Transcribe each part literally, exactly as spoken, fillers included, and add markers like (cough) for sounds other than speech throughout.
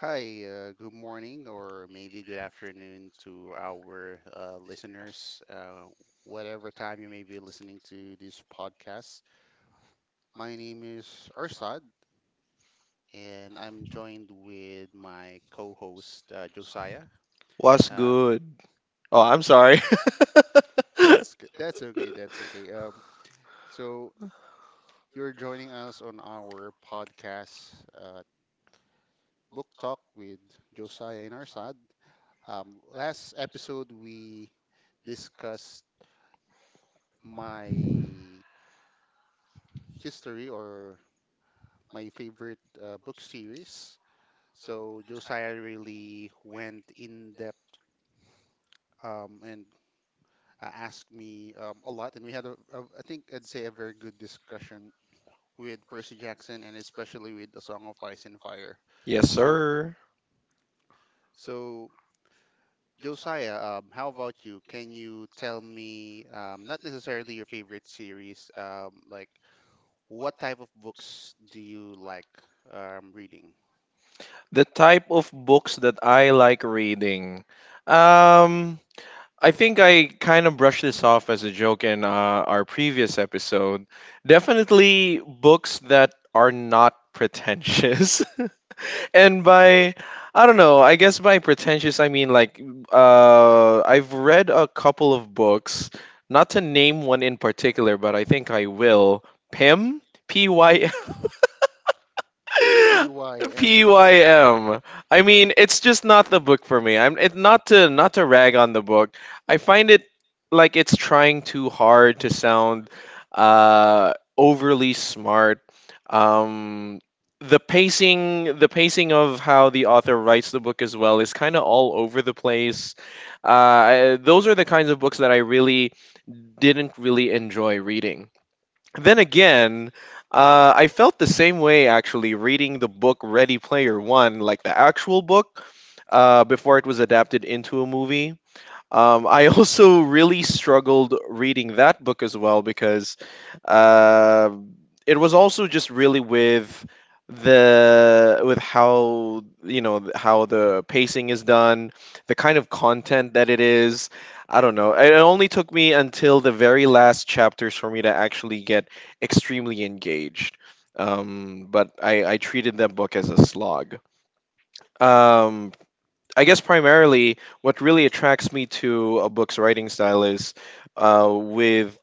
Hi, uh, good morning, or maybe good afternoon to our uh, listeners, uh, whatever time you may be listening to this podcast. My name is Arsad, and I'm joined with my co-host uh, Josiah. What's Uh, good? Oh, I'm sorry. (laughs) that's good. (laughs) That's okay. That's okay. Um, so you're joining us on our podcast, uh, Book Talk with Josiah and Arsad. Um, last episode we discussed my history or my favorite uh, book series. So Josiah really went in depth um, and uh, asked me um, a lot, and we had a, a, I think I'd say a very good discussion with Percy Jackson and especially with The Song of Ice and Fire. Yes, So, sir. so Josiah, um, how about you? Can you tell me, um, not necessarily your favorite series, um, like what type of books do you like um, reading? The type of books that I like reading. Um, I think I kind of brushed this off as a joke in uh, our previous episode. Definitely books that are not pretentious. (laughs) (laughs) and by I don't know, I guess by pretentious I mean like uh I've read a couple of books, not to name one in particular, but I think I will. Pym, P Y M P Y M. P Y M. I mean, it's just not the book for me. I'm it, not to not to rag on the book. I find it like it's trying too hard to sound uh, overly smart. Um, the pacing, the pacing of how the author writes the book as well is kind of all over the place. Uh, I- those are the kinds of books that I really didn't really enjoy reading. Then again, uh, I felt the same way actually reading the book Ready Player One, like the actual book, uh, before it was adapted into a movie. Um, I (laughs) also really struggled reading that book as well because uh, it was also just really with the with how you know th- how the pacing is done, the kind of content that it is. I don't know. It only took me until the very last chapters for me to actually get extremely engaged. Um, but I, I treated that book as a slog. Um, I guess primarily what really attracts me to a book's writing style is uh, with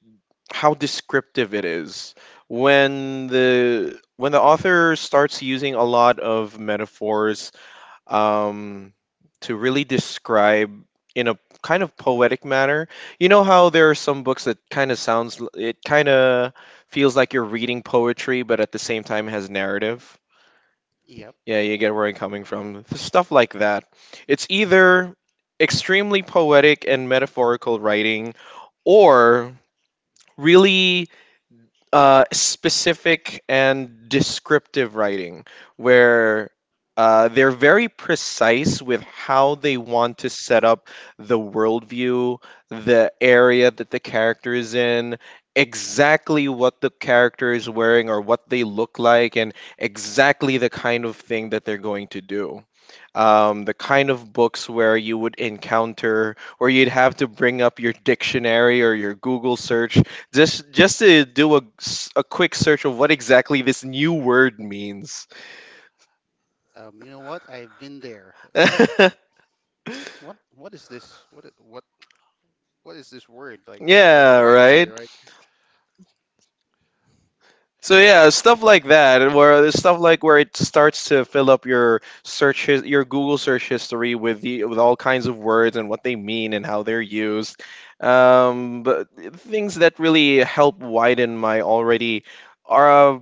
how descriptive it is. When the when the author starts using a lot of metaphors um, to really describe in a kind of poetic manner, you know how there are some books that kind of sounds, l- it kind of feels like you're reading poetry, but at the same time has narrative. Yep. Yeah, you get where I'm coming from. Stuff like that. It's either extremely poetic and metaphorical writing or really uh, specific and descriptive writing where uh, they're very precise with how they want to set up the worldview, the area that the character is in, exactly what the character is wearing or what they look like, and exactly the kind of thing that they're going to do. Um, the kind of books where you would encounter or you'd have to bring up your dictionary or your Google search just just to do a, s- a quick search of what exactly this new word means. Um, you know what? I've been there. Um, (laughs) what what is this? What I- what what is this word? Like, what are they Yeah, trying to say, right. right? So yeah, stuff like that, where there's stuff like where it starts to fill up your search, his, your Google search history with the with all kinds of words and what they mean and how they're used, um, but things that really help widen my already are uh,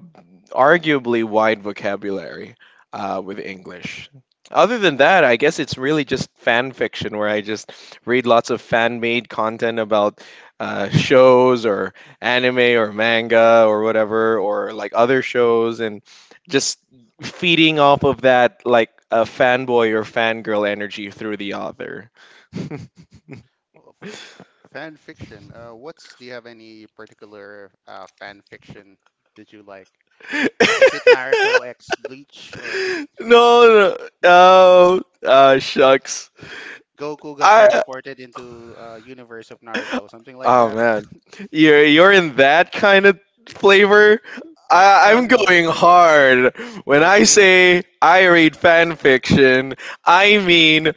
arguably wide vocabulary uh, with English. Other than that, I guess it's really just fan fiction where I just read lots of fan made content about uh, shows or anime or manga or whatever or like other shows and just feeding off of that like a fanboy or fangirl energy through the author. (laughs) No, Oh, fan fiction. Uh, what's Do you have any particular uh, fan fiction that you like? Is it Naruto X Bleach or no, (laughs) no? oh, uh, shucks. Goku got I transported into uh, universe of (laughs) Naruto, something like oh that? man, (laughs) you're you're in that kind of flavor. I, Uh, I'm No, going no. hard. When uh, I Okay. say I read fan fiction, I mean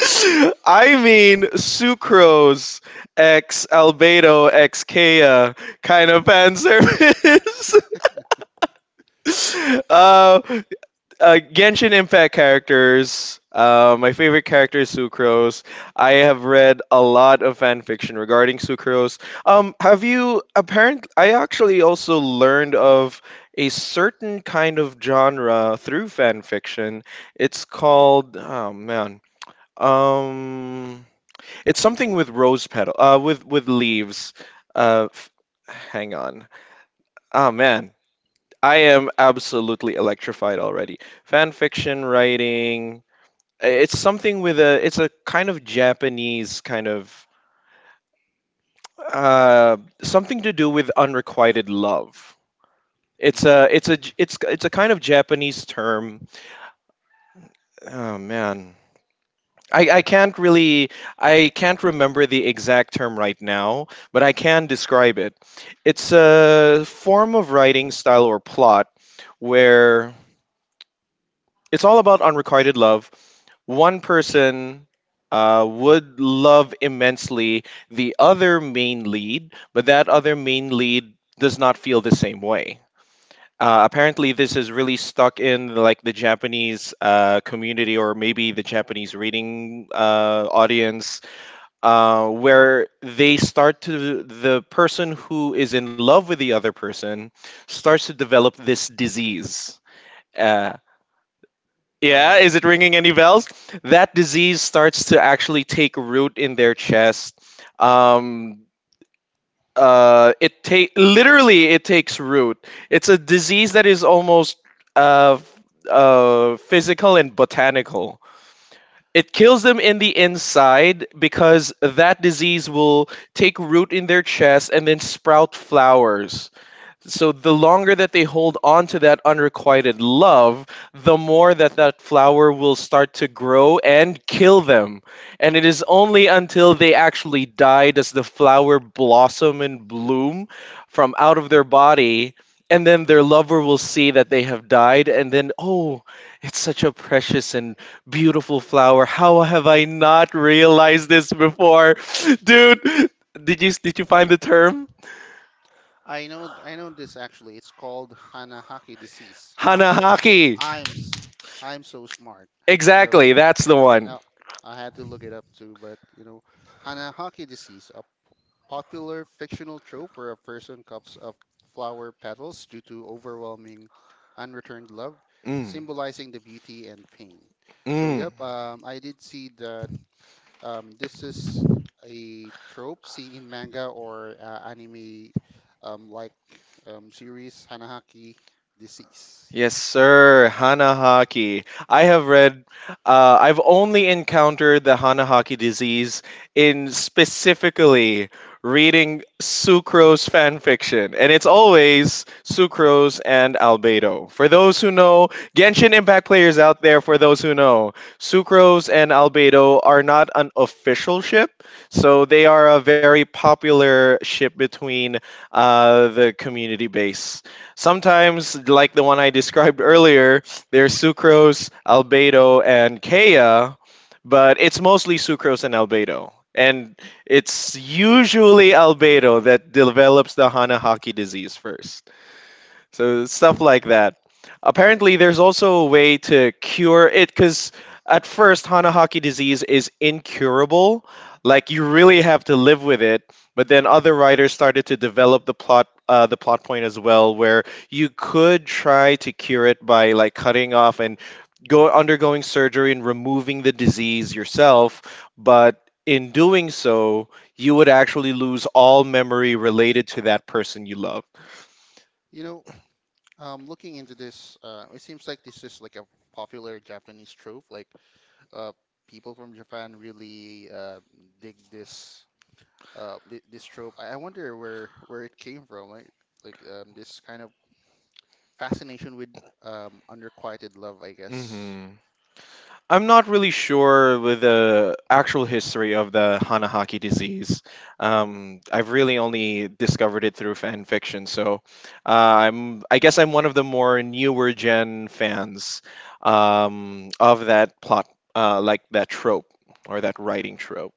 (laughs) I mean, Sucrose X Albedo X Kea kind of fan service. (laughs) uh, uh, Genshin Impact characters. Uh, my favorite character is Sucrose. I have read a lot of fan fiction regarding Sucrose. Um, have you apparently? I actually also learned of a certain kind of genre through fan fiction. It's called oh man. Um it's something with rose petal, uh, with with leaves. Uh, f- hang on. Oh man, I am absolutely electrified already. Fan fiction writing. It's something with a. It's a kind of Japanese kind of uh, something to do with unrequited love. It's hmm. a. It's a. j- It's it's a kind of Japanese term. Oh man, I, I can't really I can't remember the exact term right now, but I can describe it. It's a form of writing style or plot where it's all about unrequited love. One person uh, would love immensely the other main lead, but that other main lead does not feel the same way. Uh, apparently, this is really stuck in like the Japanese uh, community or maybe the Japanese reading uh, audience uh, where they start to the person who is in love with the other person starts to develop this disease. Uh, yeah, Uh, is it ringing any bells? That disease starts to actually take root in their chest. Um, uh, it take literally it takes root. It's a disease that is almost uh, f- uh, physical and botanical. It kills them in the inside because that disease will take root in their chest and then sprout flowers. So the longer that they hold on to that unrequited love, the more that that flower will start to grow and kill them. And it is only until they actually die does the flower blossom and bloom from out of their body. And then their lover will see that they have died, and then, oh, it's such a precious and beautiful flower. How have I not realized this before? (laughs) Dude, did you did you find the term? I know, I know this actually. It's called Hanahaki disease. Huh. Hanahaki. I'm, s- I'm so smart. No, Exactly, that's the one. no, I had to look it up too. But you know, Hanahaki disease, a popular fictional trope where a person cups of flower petals due to overwhelming unreturned love, Mm, symbolizing the beauty and pain. So, yep, mm. um, I did see that. Um, this is a trope seen in manga or uh, anime um, like um, series Hanahaki Disease. Yes, sir. Hanahaki. I have read, uh, I've only encountered the Hanahaki disease in specifically reading Sucrose fan fiction. And it's always Sucrose and Albedo. For those who know, Genshin Impact players out there, for those who know, Sucrose and Albedo are not an official ship. So they are a very popular ship between uh, the community base. Sometimes, like the one I described earlier, there's sucrose, albedo, and kea, but it's mostly sucrose and albedo. And it's usually albedo that develops the Hanahaki disease first. So stuff like that. Apparently, there's also a way to cure it because at first Hanahaki disease is incurable. Like you really have to live with it. But then other writers started to develop the plot, uh, the plot point as well, where you could try to cure it by like cutting off and go undergoing surgery and removing the disease yourself. But in doing so, you would actually lose all memory related to that person you love. You know, um, looking into this, uh, it seems like this is like a popular Japanese trope. Like, uh, people from Japan really uh, dig this uh, th this trope. I I wonder where where it came from. Like, like um, this kind of fascination with um, unrequited love, I guess. I'm not really sure with the actual history of the Hanahaki disease. Um, I've really only discovered it through fan fiction, so uh, I'm I guess I'm one of the more newer gen fans um, of that plot, uh, like that trope or that writing trope.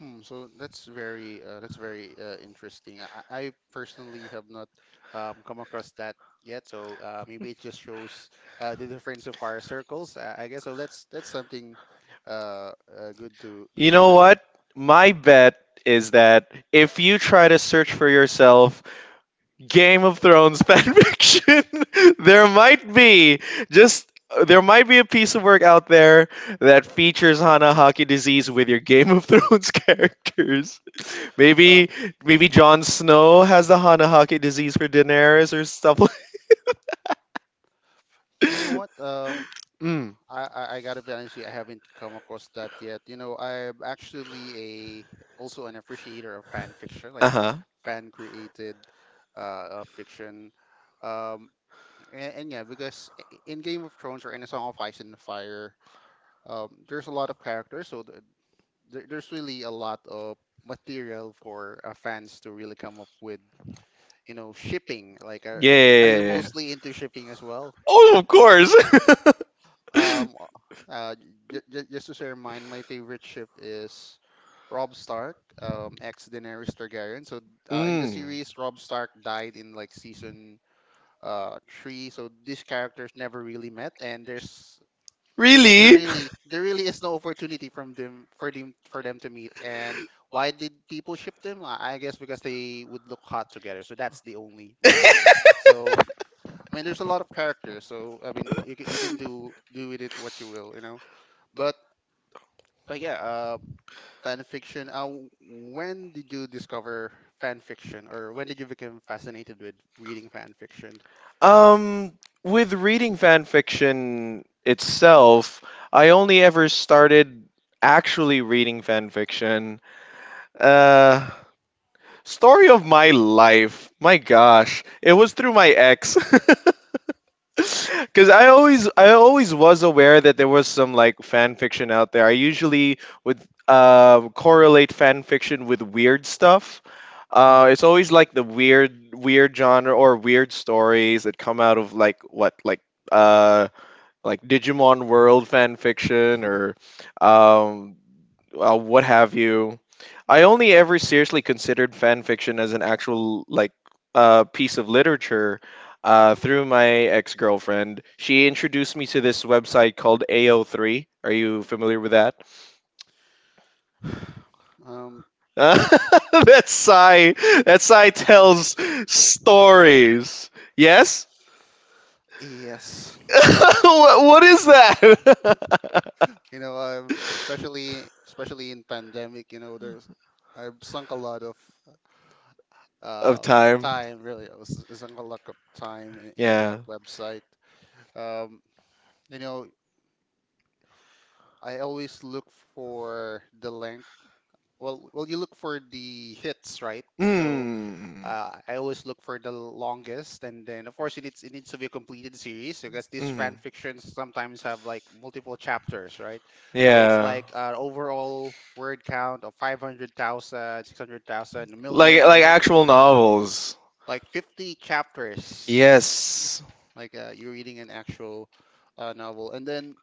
Hmm, so that's very uh, that's very uh, interesting. I, I I personally have not um, come across that yet, so uh, maybe it just shows uh, the difference of fire circles. I, I guess so. That's that's something uh, uh, good to good You to know learn. what? My bet is that if you try to search for yourself Game of Thrones fanfiction. (laughs) There might be just there might be a piece of work out there that features Hanahaki disease with your Game of Thrones (laughs) characters. Um, Maybe maybe Jon Snow has the Hanahaki disease for Daenerys or stuff you know like. what? Um, (laughs) Mm. I, I I gotta be honest with you, I haven't come across that yet. You know, I'm actually a also an appreciator of fan fiction, Uh like huh. fan created uh, uh, fiction. Um, And, and yeah, because i- in Game of Thrones or in A Song of Ice and Fire, um, there's a lot of characters, so th there, there's really a lot of material for uh, fans to really come up with, you know, shipping. Like, are, Yeah, are yeah, you yeah, yeah. mostly into shipping as well? Oh, of course. (laughs) Um, uh, j j just to share mine, my favorite ship is Robb Stark, um, ex Daenerys Targaryen. So uh, in the Mm. series, Robb Stark died in like season uh three, so these characters never really met, and there's Th- There Really? really, there really is no opportunity from them for them for them to meet. And why did people ship them? I I guess because they would look hot together. So that's the only reason. (laughs) So I mean, there's a lot of characters. So I mean, you can, you can do do with it what you will, you know. But but yeah, uh, fan fiction. Uh, when did you discover fan fiction, or when did you become fascinated with reading fan fiction? Um, with reading fan fiction itself, I only ever started actually reading fan fiction. Uh, story of my life. My gosh, it was through my ex. (laughs) (laughs) Because I always, I always was aware that there was some like fan fiction out there. I usually would um, correlate fan fiction with weird stuff. Uh, hmm. (laughs) it's always like the weird, weird genre or weird stories that come out of like what, like uh, like Digimon World fan fiction or um, uh, what have you. I only ever seriously considered fan fiction as an actual like uh, piece of literature uh, through my ex girlfriend. She introduced me to this website called A O three. Are you familiar with that? (laughs) Um, Uh, that sigh, that sigh tells stories. Yes. yes. (laughs) what, what is that? You know, I've especially especially in pandemic, you know, there's I've sunk a lot of (laughs) of uh time. time really. I was I sunk a lot of time in, in that Yeah. website. Um, you know, I always look for the length. Well, well, you look for the hits, right? So Mm. Uh, I always look for the longest, and then of course it needs it needs to be a completed series because these fan Mm. fictions sometimes have like multiple chapters, right? So it's Yeah. like an overall word count of five hundred thousand, six hundred thousand, Like million, a million, like right? actual novels. Like fifty chapters. Yes. Like uh, you're reading an actual uh, novel, and then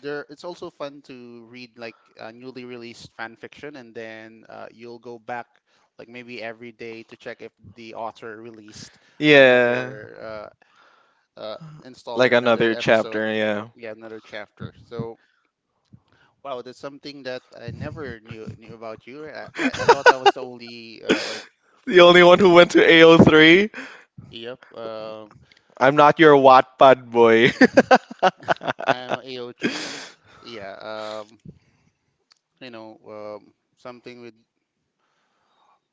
there it's also fun to read like uh, newly released fan fiction, and then uh, you'll go back like maybe every day to check if the author released Yeah. another uh, uh, Like installment, another another episode, chapter, yeah. yeah, (laughs) another chapter. So wow, that's something that I never knew knew about you. I, I, I thought I was the only uh, like, The only one who went to A O three? yep, um, I'm not your Wattpad boy. I am A O three. Yeah, um, you know, um, something with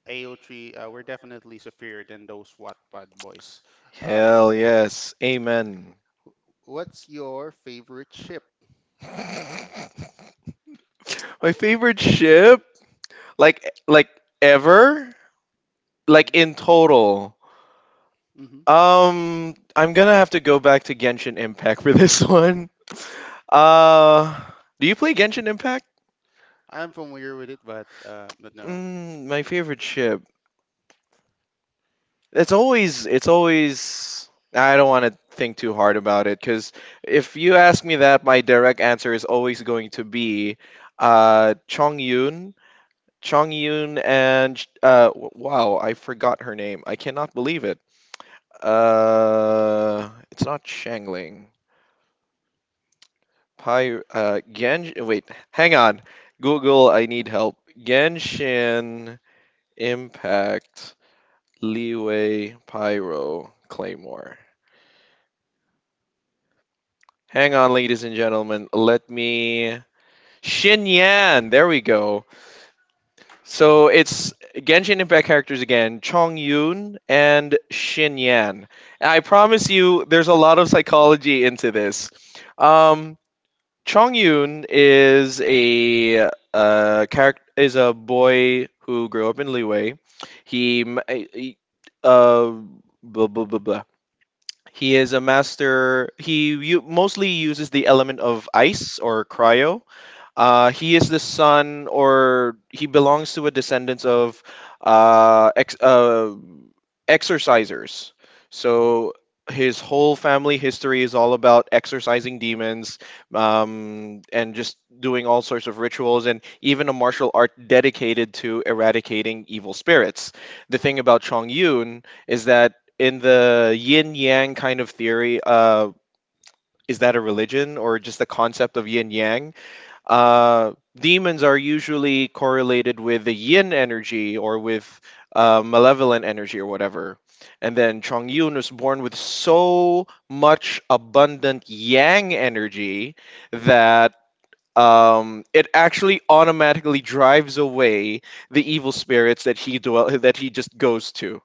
A O three. Uh, we're definitely superior than those Wattpad boys. (laughs) Um, Hell yes. Amen. wh- what's your favorite ship? (laughs) My favorite ship? Like like ever? Like hmm in total. Um, I'm gonna have to go back to Genshin Impact for this (laughs) one. Uh, do you play Genshin Impact? I am familiar with it, but uh, but no. Mm, my favorite ship. It's always, it's always. I don't want to think too hard about it because if you ask me that, my direct answer is always going to be, uh, Chong Yun, Chong Yun, and sh- uh, w- wow, I forgot her name. I cannot believe it. Uh, it's not Shangling. Pyre, uh, Gen. Wait, hang on. Google, I need help. Genshin Impact Leeway Pyro Claymore. Hang on, ladies and gentlemen. Let me. Shin Yan. There we go. So it's Genshin Impact characters again. Chong Yun and Shin Yan. I promise you, there's a lot of psychology into this. Um, Chong Yun is a uh, character is a boy who grew up in Liwei. He, m- eh, he uh blah blah blah blah. He is a master. He u- mostly uses the element of ice or cryo. Uh, he is the son, or he belongs to a descendants of uh, ex- uh, exorcisers. So his whole family history is all about exorcising demons, um, and just doing all sorts of rituals, and even a martial art dedicated to eradicating evil spirits. The thing about Chong Yun is that in the yin yang kind of theory, uh, is that a religion or just the concept of yin yang? Hmm. Uh, Demons are usually correlated with the yin energy or with uh, malevolent energy or whatever. And then Chong Yun was born with so much abundant yang energy that um, it actually automatically drives away the evil spirits that he dwell that he just goes to.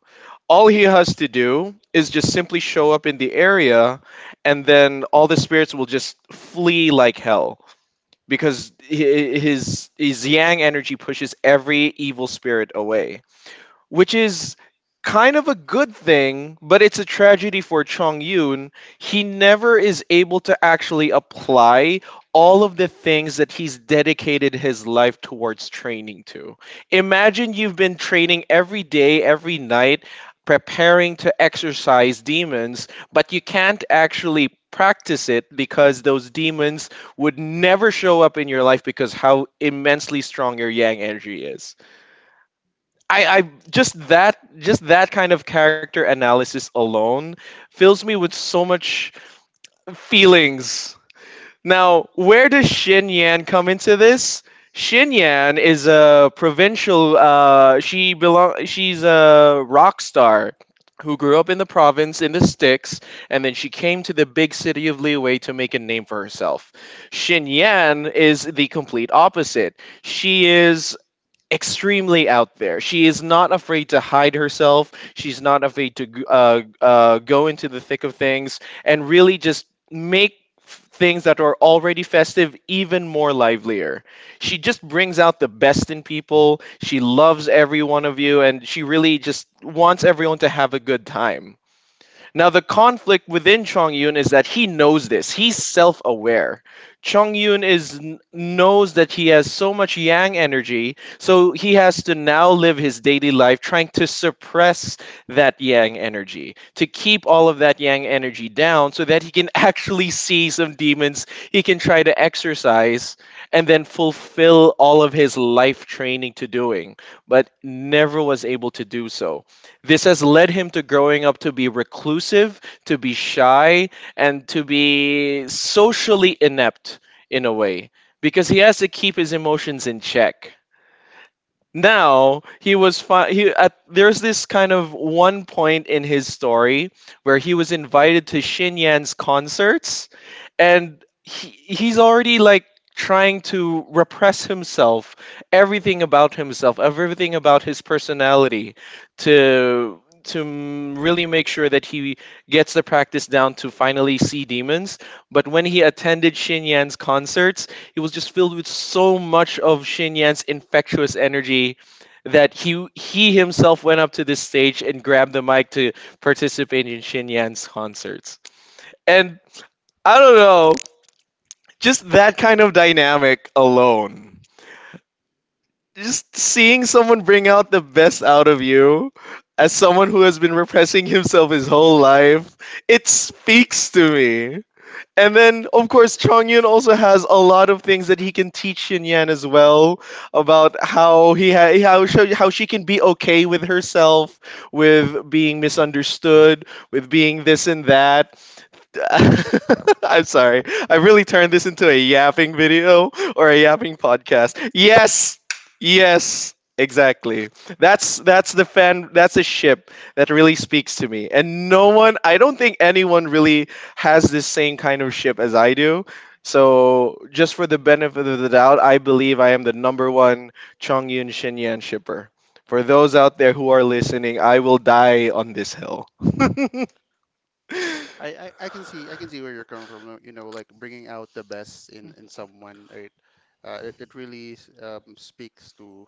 All he has to do is just simply show up in the area, and then all the spirits will just flee like hell, because hi- his his yang energy pushes every evil spirit away, which is kind of a good thing, but it's a tragedy for Chong Yun. He never is able to actually apply all of the things that he's dedicated his life towards training to. Imagine you've been training every day, every night, preparing to exercise demons, but you can't actually practice it because those demons would never show up in your life, because how immensely strong your yang energy is. I, I just that just that kind of character analysis alone fills me with so much feelings. Now, where does Shin Yan come into this? Shin Yan is a provincial. Uh, she belong. She's a rock star who grew up in the province in the sticks, and then she came to the big city of Liyue to make a name for herself. Shin Yan is the complete opposite. She is extremely out there. She is not afraid to hide herself. She's not afraid to g- uh, uh, go into the thick of things and really just make f- things that are already festive even more livelier. She just brings out the best in people. She loves every one of you, and she really just wants everyone to have a good time. Now, the conflict within Chong Yun is that he knows this. He's self aware. Chong Yun is knows that he has so much yang energy, so he has to now live his daily life trying to suppress that yang energy, to keep all of that yang energy down so that he can (laughs) actually see some demons he can try to exercise and then fulfill all of his life training to doing, but never was able to do so. This has led him to growing up to be reclusive, to be shy, and to be socially inept in a way, because he has to keep his emotions in check. Now, he was fi- he at there's this kind of one point in his story where he was invited to Shin Yan's concerts, and he, he's already, like, trying to repress himself, everything about himself, everything about his personality, to to m- really make sure that he gets the practice down to finally see demons. But when he attended Shin Yan's concerts, he was just filled with so much of Shin Yan's infectious energy that he he himself went up to this stage and grabbed the mic to participate in Shin Yan's concerts. And I don't know, just that kind of dynamic alone. Just seeing someone bring out the best out of you, as someone who has been repressing himself his whole life, it speaks to me. And then, of course, Chong Yun also has a lot of things that he can teach Shin Yan as well, about how he ha- how she, how she can be okay with herself, with being misunderstood, with being this and that. (laughs) I'm sorry. I really turned this into a yapping video or a yapping podcast. Yes. Yes. Exactly. That's that's the fan that's a ship that really speaks to me. And no one I don't think anyone really has this same kind of ship as I do. So just for the benefit of the doubt, I believe I am the number one Chongyun Shinyan shipper. For those out there who are listening, I will die on this hill. (laughs) I, I I can see I can see where you're coming from. uh, You know, like bringing out the best in in someone. Right? Uh, it it really s- um, speaks to.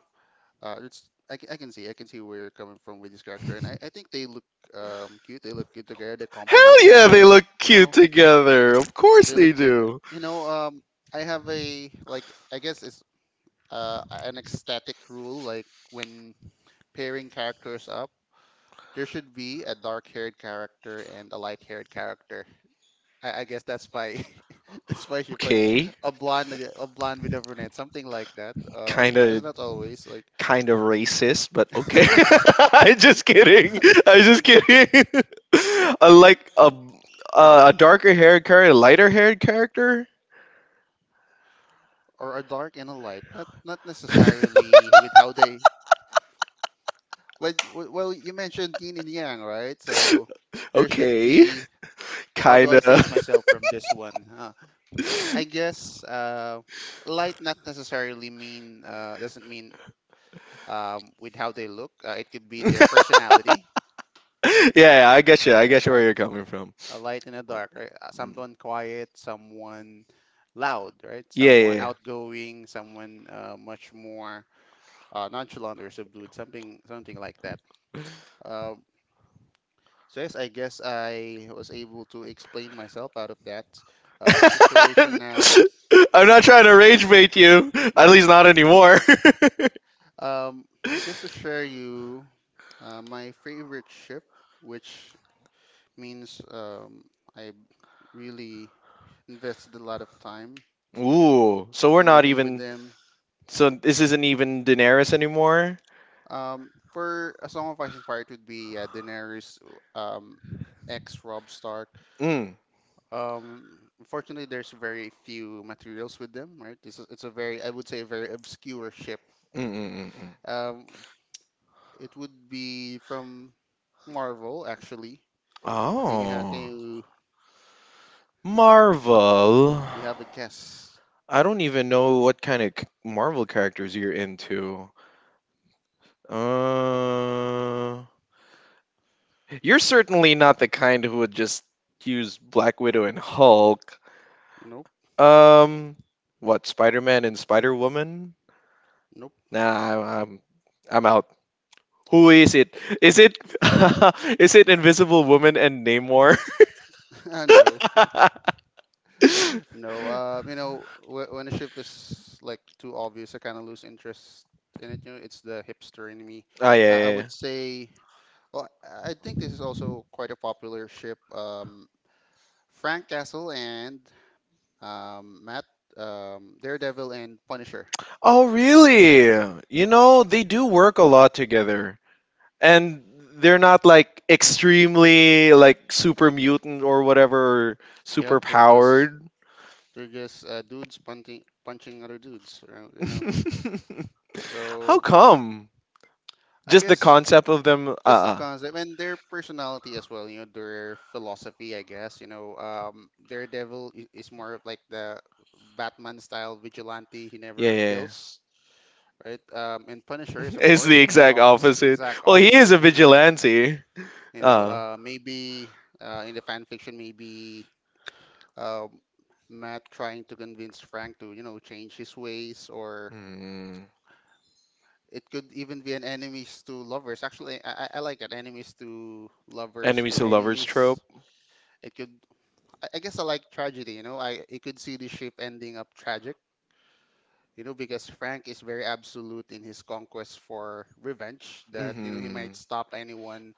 Uh, it's I, ca- I can see I can see where you're coming from with this character, and I, I think they look um cute. They look good together. They complement Hell each yeah, they other. look You cute know, together. Of course they they look good. do. You know, um, I have a like I guess it's uh an ecstatic rule like when pairing characters up. There should be a dark-haired character and a light-haired character. I, I guess that's my (laughs) that's my shift. Like Okay. a blonde, ag- a blonde with a brunette, something like that. Uh, Kind n- It's of not always like. kind of racist, but okay. (laughs) (laughs) I'm just kidding. I'm just kidding. (laughs) I like a a a darker haired character, a lighter haired character. Or a dark and a light, not not necessarily with how they, well, w- well you mentioned yin and yang, right? So there should Okay, be, how do kind I save of. myself from this one, huh? I guess uh, light not necessarily mean uh, doesn't mean um, with how they look. Uh, it could be (laughs) their personality, Yeah, yeah, I get you. I right? get you where Right. you're coming from. A light and a dark, right? Uh, Mm. Someone quiet, someone loud, right? Yeah, Someone yeah. Yeah. outgoing, someone uh, much more (laughs) uh, nonchalant or subdued, something something like that. Um, so yes, I guess I was able to explain myself out of that um, situation now. I'm not trying to rage bait you. Mm. At least not anymore. (laughs) Um, just to share you uh, my favorite ship, which means um, I really invested a lot of time Ooh, so we're to not reading with even. them. So this isn't even Daenerys anymore. Um, for A Song of Ice and Fire, it would be uh, Daenerys um, ex Robb Stark. Mm. Um, unfortunately, there's very few materials with them, right? This is, it's a very, I would say, a very obscure ship. Mm, mm, mm, mm. Um, it would be from Marvel, actually. Can you, ha- can Oh, you Marvel. You have a guess? I don't even know what kind of c- Marvel characters you're into. Uh, you're certainly not the kind who would just use Black Widow and Hulk. Nope. Um, what, Spider Man and Spider Woman? Nope. Nah, I- I'm I'm out. Who is it? Is it (laughs) is it Invisible Woman and Namor? (laughs) No. (laughs) Oh, No. Um, you know, wh When a ship is like too obvious, I kind of lose interest in it. You know, it's the hipster in me. yeah, I, I yeah, yeah. would say. Well, I I think this is also quite a popular ship. Um, Frank Castle and um, Matt, um, Daredevil and Punisher. Oh, really? You know they do work a lot together, and they're not like extremely like super mutant or whatever, super Yep, they're just powered. they're just uh, dudes punching punching other dudes, uh, you know. (laughs) How So come? I Just the guess concept of them. Uh, just the uh. concept and their personality as well, you know, their philosophy, I guess, you know, um, Daredevil i- is more of like the Batman style vigilante. He Yeah, never yeah. Yeah. (laughs) kills, right? Um, and Punisher is, of It's course, the the exact opposite, opposite. exact Well, he is a opposite, you know. vigilante. You know, Uh. uh, maybe uh, in the fan fiction, maybe um Matt trying to convince Frank to, you know, change his ways, or Mm. it could even be an enemies to lovers. Actually, I, I I like that enemies to lovers Enemies to to lovers enemies. trope. It could, I I guess, I like tragedy. You know, I You could see the ship ending up tragic. You know, because Frank is very absolute in his conquest for revenge. That you know he hmm might stop anyone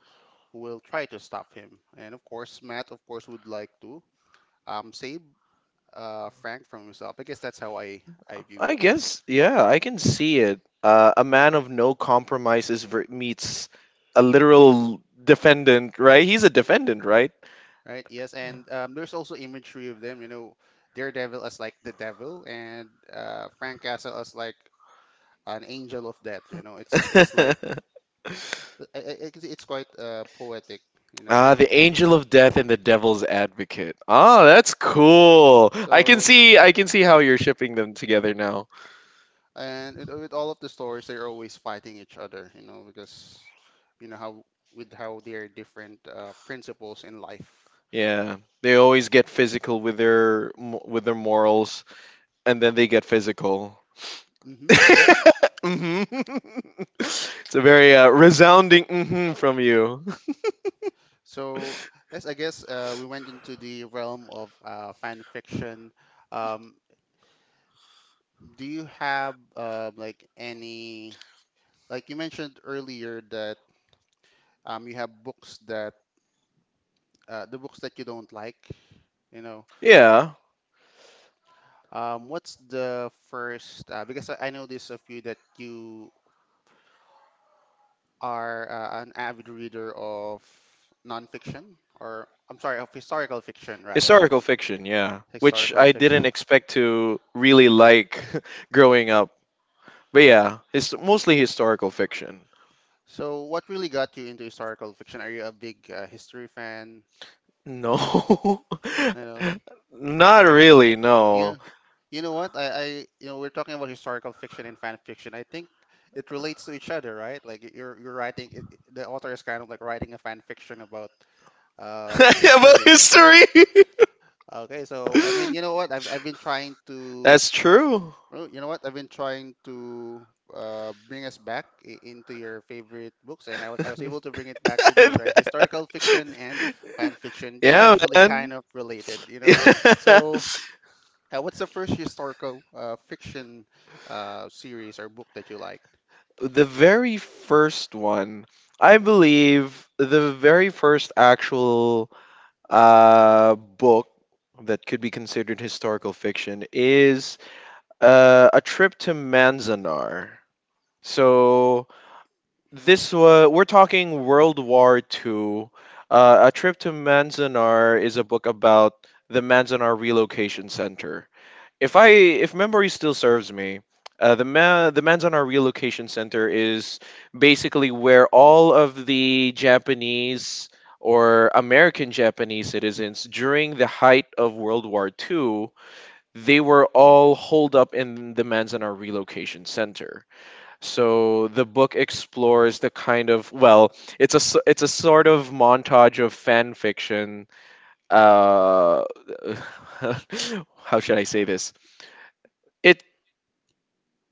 who will try to stop him. And of course, Matt, of course, would like to um save uh Frank from himself. I guess that's how I I view I it. guess, yeah, I can see it. Uh, a man of no compromises ver- meets a literal defendant, right? He's a defendant, right? Right. Yes, and um, there's also imagery of them. You know, Daredevil as like the devil, and uh, Frank Castle as like an angel of death. You know, it's it's like (laughs) I- I- I- it's quite uh, poetic. You know, Ah, the angel of death and the devil's advocate. Ah, that's cool. I can so see, I can see how you're shipping them together now. and it, with all of the stories, they're always fighting each other. You know, because you know how with how they're different uh, principles in life. Yeah, they always get physical with their mo- with their morals, and then they get physical. Mm-hmm. Yep. Hmm. (laughs) It's a very uh, resounding hmm from you. (laughs) So, yes, I guess uh, we went into the realm of uh, fan fiction. Um, do you have uh, like any, like you mentioned earlier that um, you have books that uh, the books that you don't like, you know, Yeah. um, what's the first, uh, because I I know this of you that you are uh, an avid reader of nonfiction, or I'm sorry, of historical fiction rather, Historical fiction, yeah. Which historical I fiction. didn't expect to really like (laughs) growing up. But yeah, it's mostly historical fiction. So, what really got you into historical fiction? Are you a big uh, history fan? No. You know, (laughs) Not really, yeah. no. You know what? I, I, you know, we're talking about historical fiction and fan fiction. I think it relates to each other, right? Like y- you're you're writing, it, it- the author is kind of like writing a fan fiction about (laughs) um, About history. history. Okay, so I mean, you (laughs) know what? I've I've been trying to, That's true. well, you know what? I've been trying to uh, bring us back i- into your favorite books, and I was I was able to bring it (laughs) back to this, right? Historical fiction and fan fiction. They're Yeah, actually kind man. of related, you know. (laughs) So, uh, what's the first historical uh, fiction uh, series or book that you liked? The very first one, I believe, the very first actual uh, book that could be considered historical fiction is uh, A Trip to Manzanar. So This uh, we're talking World War Two. Uh, a trip to Manzanar is a book about the Manzanar Relocation Center. If I if memory still serves me, uh, the Ma- the Manzanar Relocation Center is basically where all of the Japanese or American Japanese citizens during the height of World War Two, they were all holed up in the Manzanar Relocation Center. So the book explores the kind of, well, it's a s- it's a sort of montage of fan fiction. Uh, (laughs) how should I say this? It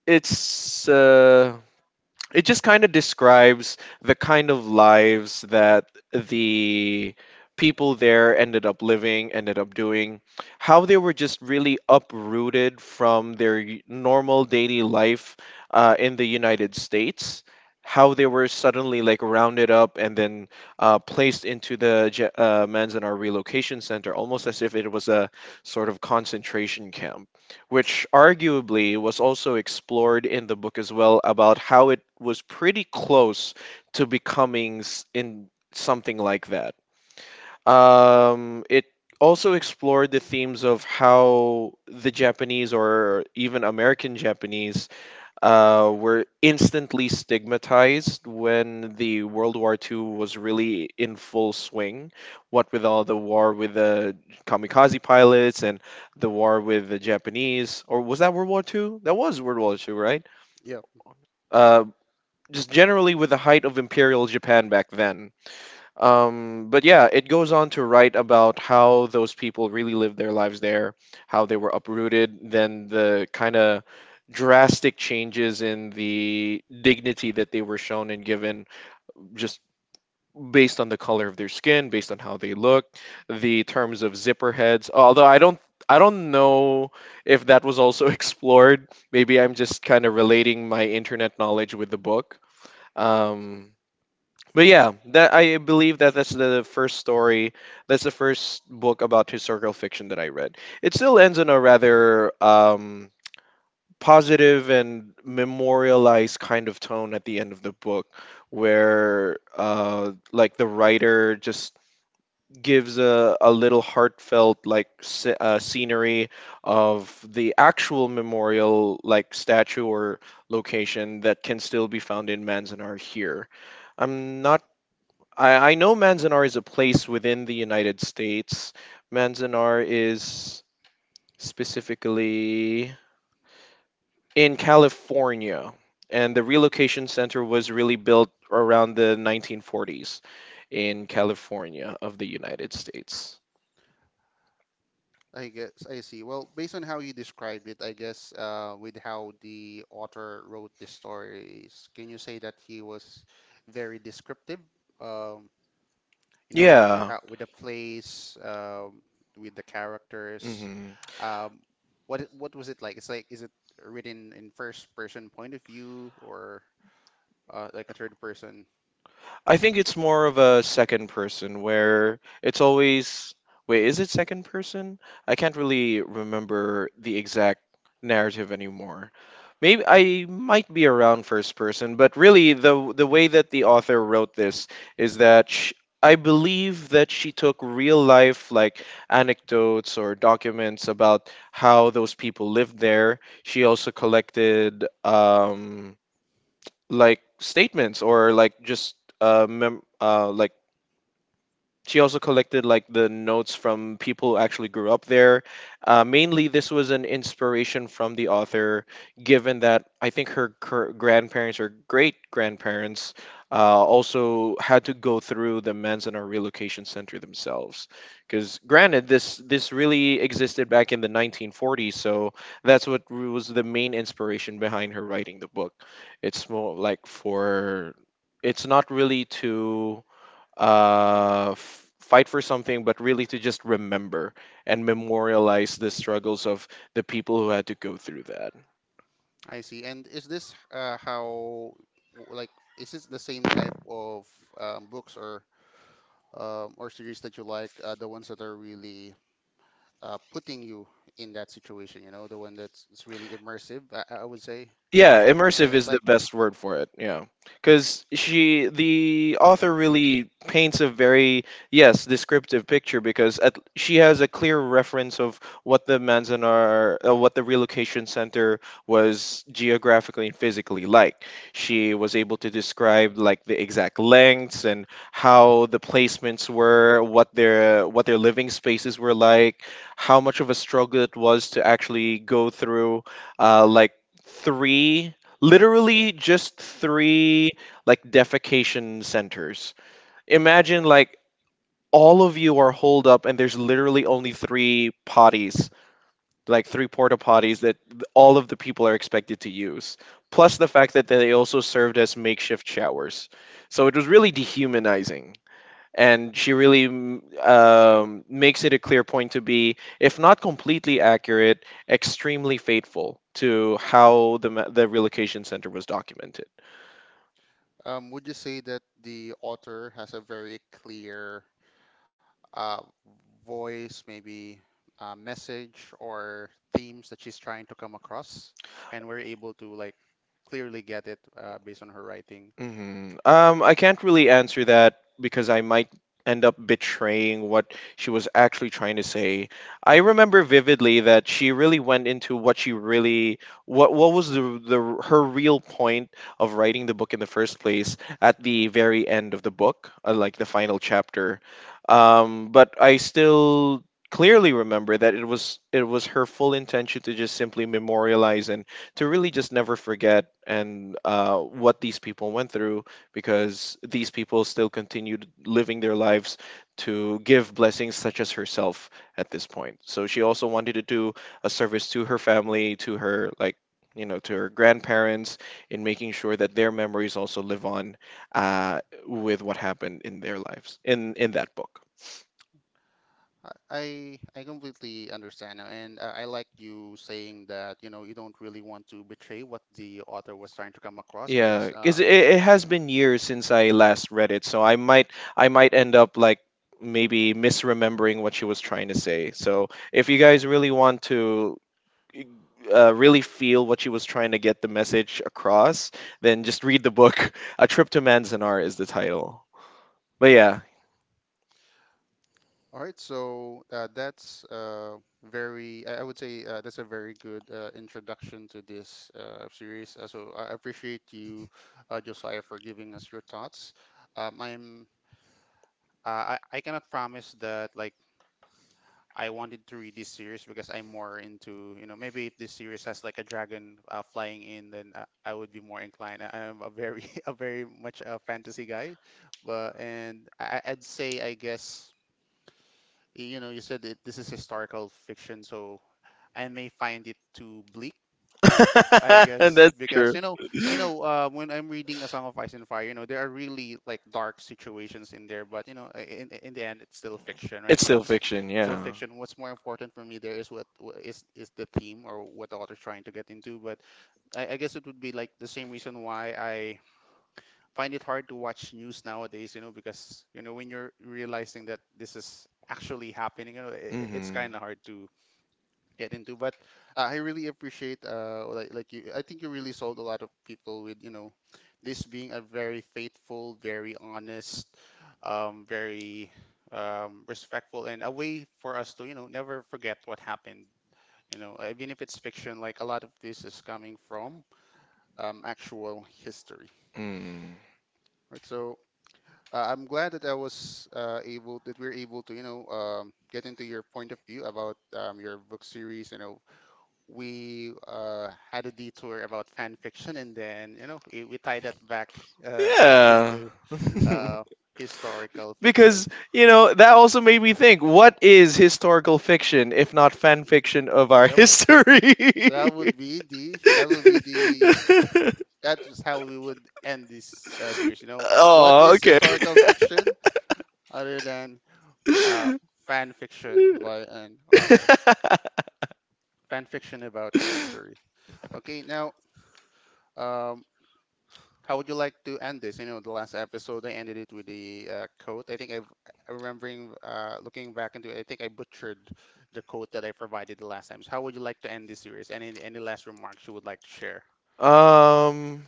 it's uh, it just kind of describes the kind of lives that the people there ended up living, ended up doing, how they were just really uprooted from their y- normal daily life uh, in the United States. How they were suddenly like rounded up and then uh, placed into the Je- uh, Manzanar Relocation Center, almost as if it was a sort of concentration camp, which arguably was also explored in the book as well, about how it was pretty close to becoming s- in something like that. Um, it also explored the themes of how the Japanese or even American Japanese uh, were instantly stigmatized when the World War two was really in full swing. What with all the war with the kamikaze pilots and the war with the Japanese, or was that World War two? That was World War two, right? Yeah. Uh, just generally with the height of Imperial Japan back then, um, but yeah, it goes on to write about how those people really lived their lives there, how they were uprooted, then the kind of drastic changes in the dignity that they were shown and given, just based on the color of their skin, based on how they looked, the terms of zipper heads. Although I don't I don't know if that was also (laughs) explored. Maybe I'm just kind of relating my internet knowledge with the book. Um but yeah, that I believe that that's the first story. That's the first book about historical fiction that I read. It still ends in a rather um, positive and memorialized kind of tone at the end of the book, where uh, like, the writer just gives a, a little heartfelt, like, sce- uh, scenery of the actual memorial, like statue or location that can still be found in Manzanar here. I'm not I, I know Manzanar is a place within the United States. Manzanar is specifically in California, and the relocation center was really built around the nineteen forties in California of the United States. I guess I see. Well, based on how you described it, I guess uh, with how the author wrote the stories, can you say that he was very descriptive? Um, you know, with the- Yeah. how with the place, um, with the characters. hmm Um, what it- what was it like? It's like is it written in first person point of view or uh, like a third person? I think it's more of a second person, where it's always, wait, is it second person? I can't really remember the exact narrative anymore. Maybe I might be around first person, but really the the way that the author wrote this is that sh I believe that she took real life like anecdotes or documents about how those people lived there. She also collected um like statements, or like just uh, mem- uh like she also collected like the notes from people who actually grew up there. Uh, mainly, this was an inspiration from the author, given that I think her, her grandparents or great grandparents uh, also had to go through the Manzanar relocation center themselves. Because granted, this this really existed back in the nineteen forties, so that's what was the main inspiration behind her writing the book. It's more like for it's not really to uh, f- fight for something, but really to just remember and memorialize the struggles of the people who had to go through that. I see. And is this uh, how w- like is this the same type of um, books or? um, or series that you like, uh, the ones that are really uh, putting you in that situation, you know, the one that's it's really immersive, I, I would say. Yeah, immersive Yeah, it's is the like, best word for it. Yeah. Cuz she the author really paints a very, yes, descriptive picture because at, she has a clear reference of what the Manzanar uh, what the relocation center was geographically and physically like. She was able to describe like the exact lengths and how the placements were, what their what their living spaces were like, how much of a struggle it was to actually go through uh, like three, literally just three, like defecation centers. Imagine, like, all of you are holed up and there's literally only three potties, like three porta potties that th- all of the people are expected to use, plus the fact that they also served as makeshift showers, so it was really dehumanizing. And she really mm, um, makes it a clear point to be, if not completely accurate, extremely faithful to how the ma- the relocation center was documented. um, would you say that the author has a very clear uh, voice, maybe uh, message or themes that she's trying to come across, and we're able to like clearly get it uh, based on her writing? hmm Um, I can't really answer that because I might end up betraying what she was actually trying to say. I remember vividly that she really went into what she really what what was the the her real point of writing the book in the first place, at the very end of the book, uh, like the final chapter. Um, but I still clearly remember that it was it was her full intention to just simply memorialize and to really just never forget, and uh, what these people went through, because these people still continued living their lives to give blessings such as herself at this point. So she also wanted to do a service to her family, to her, like, you know, to her grandparents, in making sure that their memories also live on, uh, with what happened in their lives, in in that book. I I I completely understand now, and I, I like you saying that, you know, you don't really want to betray what the author was trying to come across Yeah, because because um, it, it has been years since I last read it, so I might, I might end up like maybe misremembering what she was trying to say. So if you guys really want to uh, really feel what she was trying to get the message across, then just read the book. (laughs) A Trip to Manzanar is the title. But yeah. all right, so uh, that's uh, very, I I would say uh, that's a very good uh, introduction to this uh, series. Uh, so I appreciate you, uh, Josiah, for giving us your thoughts. Um, I'm uh, I, I cannot promise that like I wanted to read this series because I'm more into, you know, maybe if this series has like a dragon uh, flying in, then I, I would be more inclined. I am a very, (laughs) a very much a fantasy guy, but and I, I'd say I guess you know you said that this is historical fiction, so I may find it too bleak I (laughs) guess That's because true. you know, you know, uh, when I'm reading A Song of Ice and Fire, you know, there are really like dark situations in there, but you know, i- in in the end, it's still fiction, right? It's still What's fiction, still yeah. fiction. What's more important for me there is what wh- is is the theme or what the author's trying to get into. But I, I guess it would be like the same reason why I find it hard to watch news nowadays, you know, because you know when you're realizing that this is actually happening, you know, I it's Mm-hmm. kind of hard to get into. But uh, I really appreciate uh, like, like you. I think you really sold a lot of people with you know this being a very faithful, very honest, um, very um, respectful, and a way for us to you know never forget what happened. You know, even if it's fiction, like a lot of this is coming from um, actual history, Mm. right? So uh, I'm glad that I was uh, able that we're able to you know um, get into your point of view about um, your book series. You know, we uh, had a detour about fan fiction, and then you know we, we tied that back uh, Yeah. into (laughs) uh, historical fiction. Because, you know, that also made me think, what is historical fiction if not fan fiction of our (laughs) Yep. history? So that would be the that would be the that is how we would end this uh, series. You know, what Oh, is okay. historical fiction other than uh, fan fiction by an author? (laughs) Fan fiction about history. Okay, now. Um, How would you like to end this? You know, the last episode I ended it with the uh, quote. I think I've I remembering uh, looking back into it. I think I butchered the quote that I provided the last time. So how would you like to end this series? Any any last remarks you would like to share? um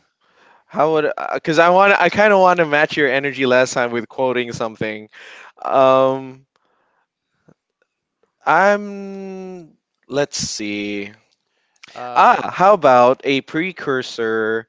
How would? Because I want. I kind of want to match your energy last time with quoting something. Um, I'm. Let's see. Um, Ah, how about a precursor?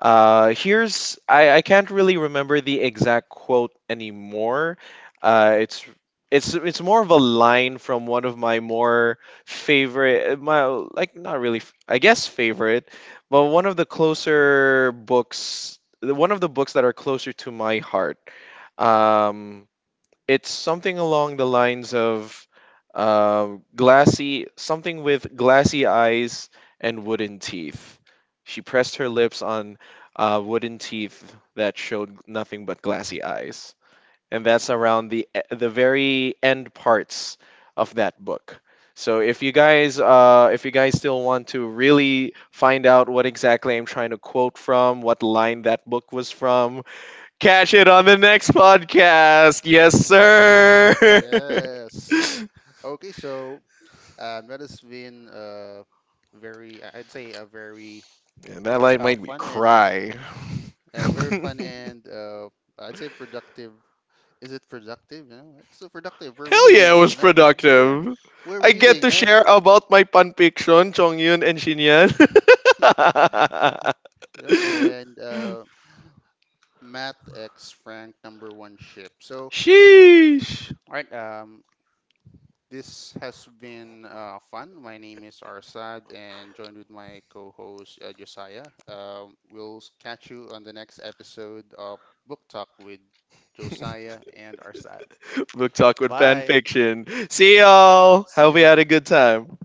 Uh, here's, I, I can't really remember the exact quote anymore. Uh, it's, it's it's more of a line from one of my more favorite, my like, not really f- I guess favorite, but one of the closer books, one of the books that are closer to my heart. Um, it's something along the lines of uh, glassy, something with glassy eyes and wooden teeth. She pressed her lips on uh, wooden teeth that showed nothing but glassy eyes. And that's around the e- the very end parts of that book. So if you guys, uh, if you guys still want to really find out what exactly I'm trying to quote from, what line that book was from, catch it on the next podcast. Yes, (laughs) Ye- sir. (laughs) yes. Okay, so um, that has been uh, very, I- I'd say, a very And that line uh, made me fun and cry. uh, (laughs) very fun and uh, I'd say productive is Hell it productive? You know, it's so productive. We're yeah, reading, it was you know, yeah, productive. we're I get to reading, and share about my fanfiction, Chongyun and Shin. (laughs) yep, and uh, Matt X Frank number one ship. So, Sheesh. all right, um, this has been uh, fun. My name is Arsad, and joined with my co-host uh, Josiah. Um, we'll s- catch you on the next episode of Book Talk with Josiah and Arsad. (laughs) Book Talk with Bye. fanfiction. See y'all. See Hope you had ya. a good time.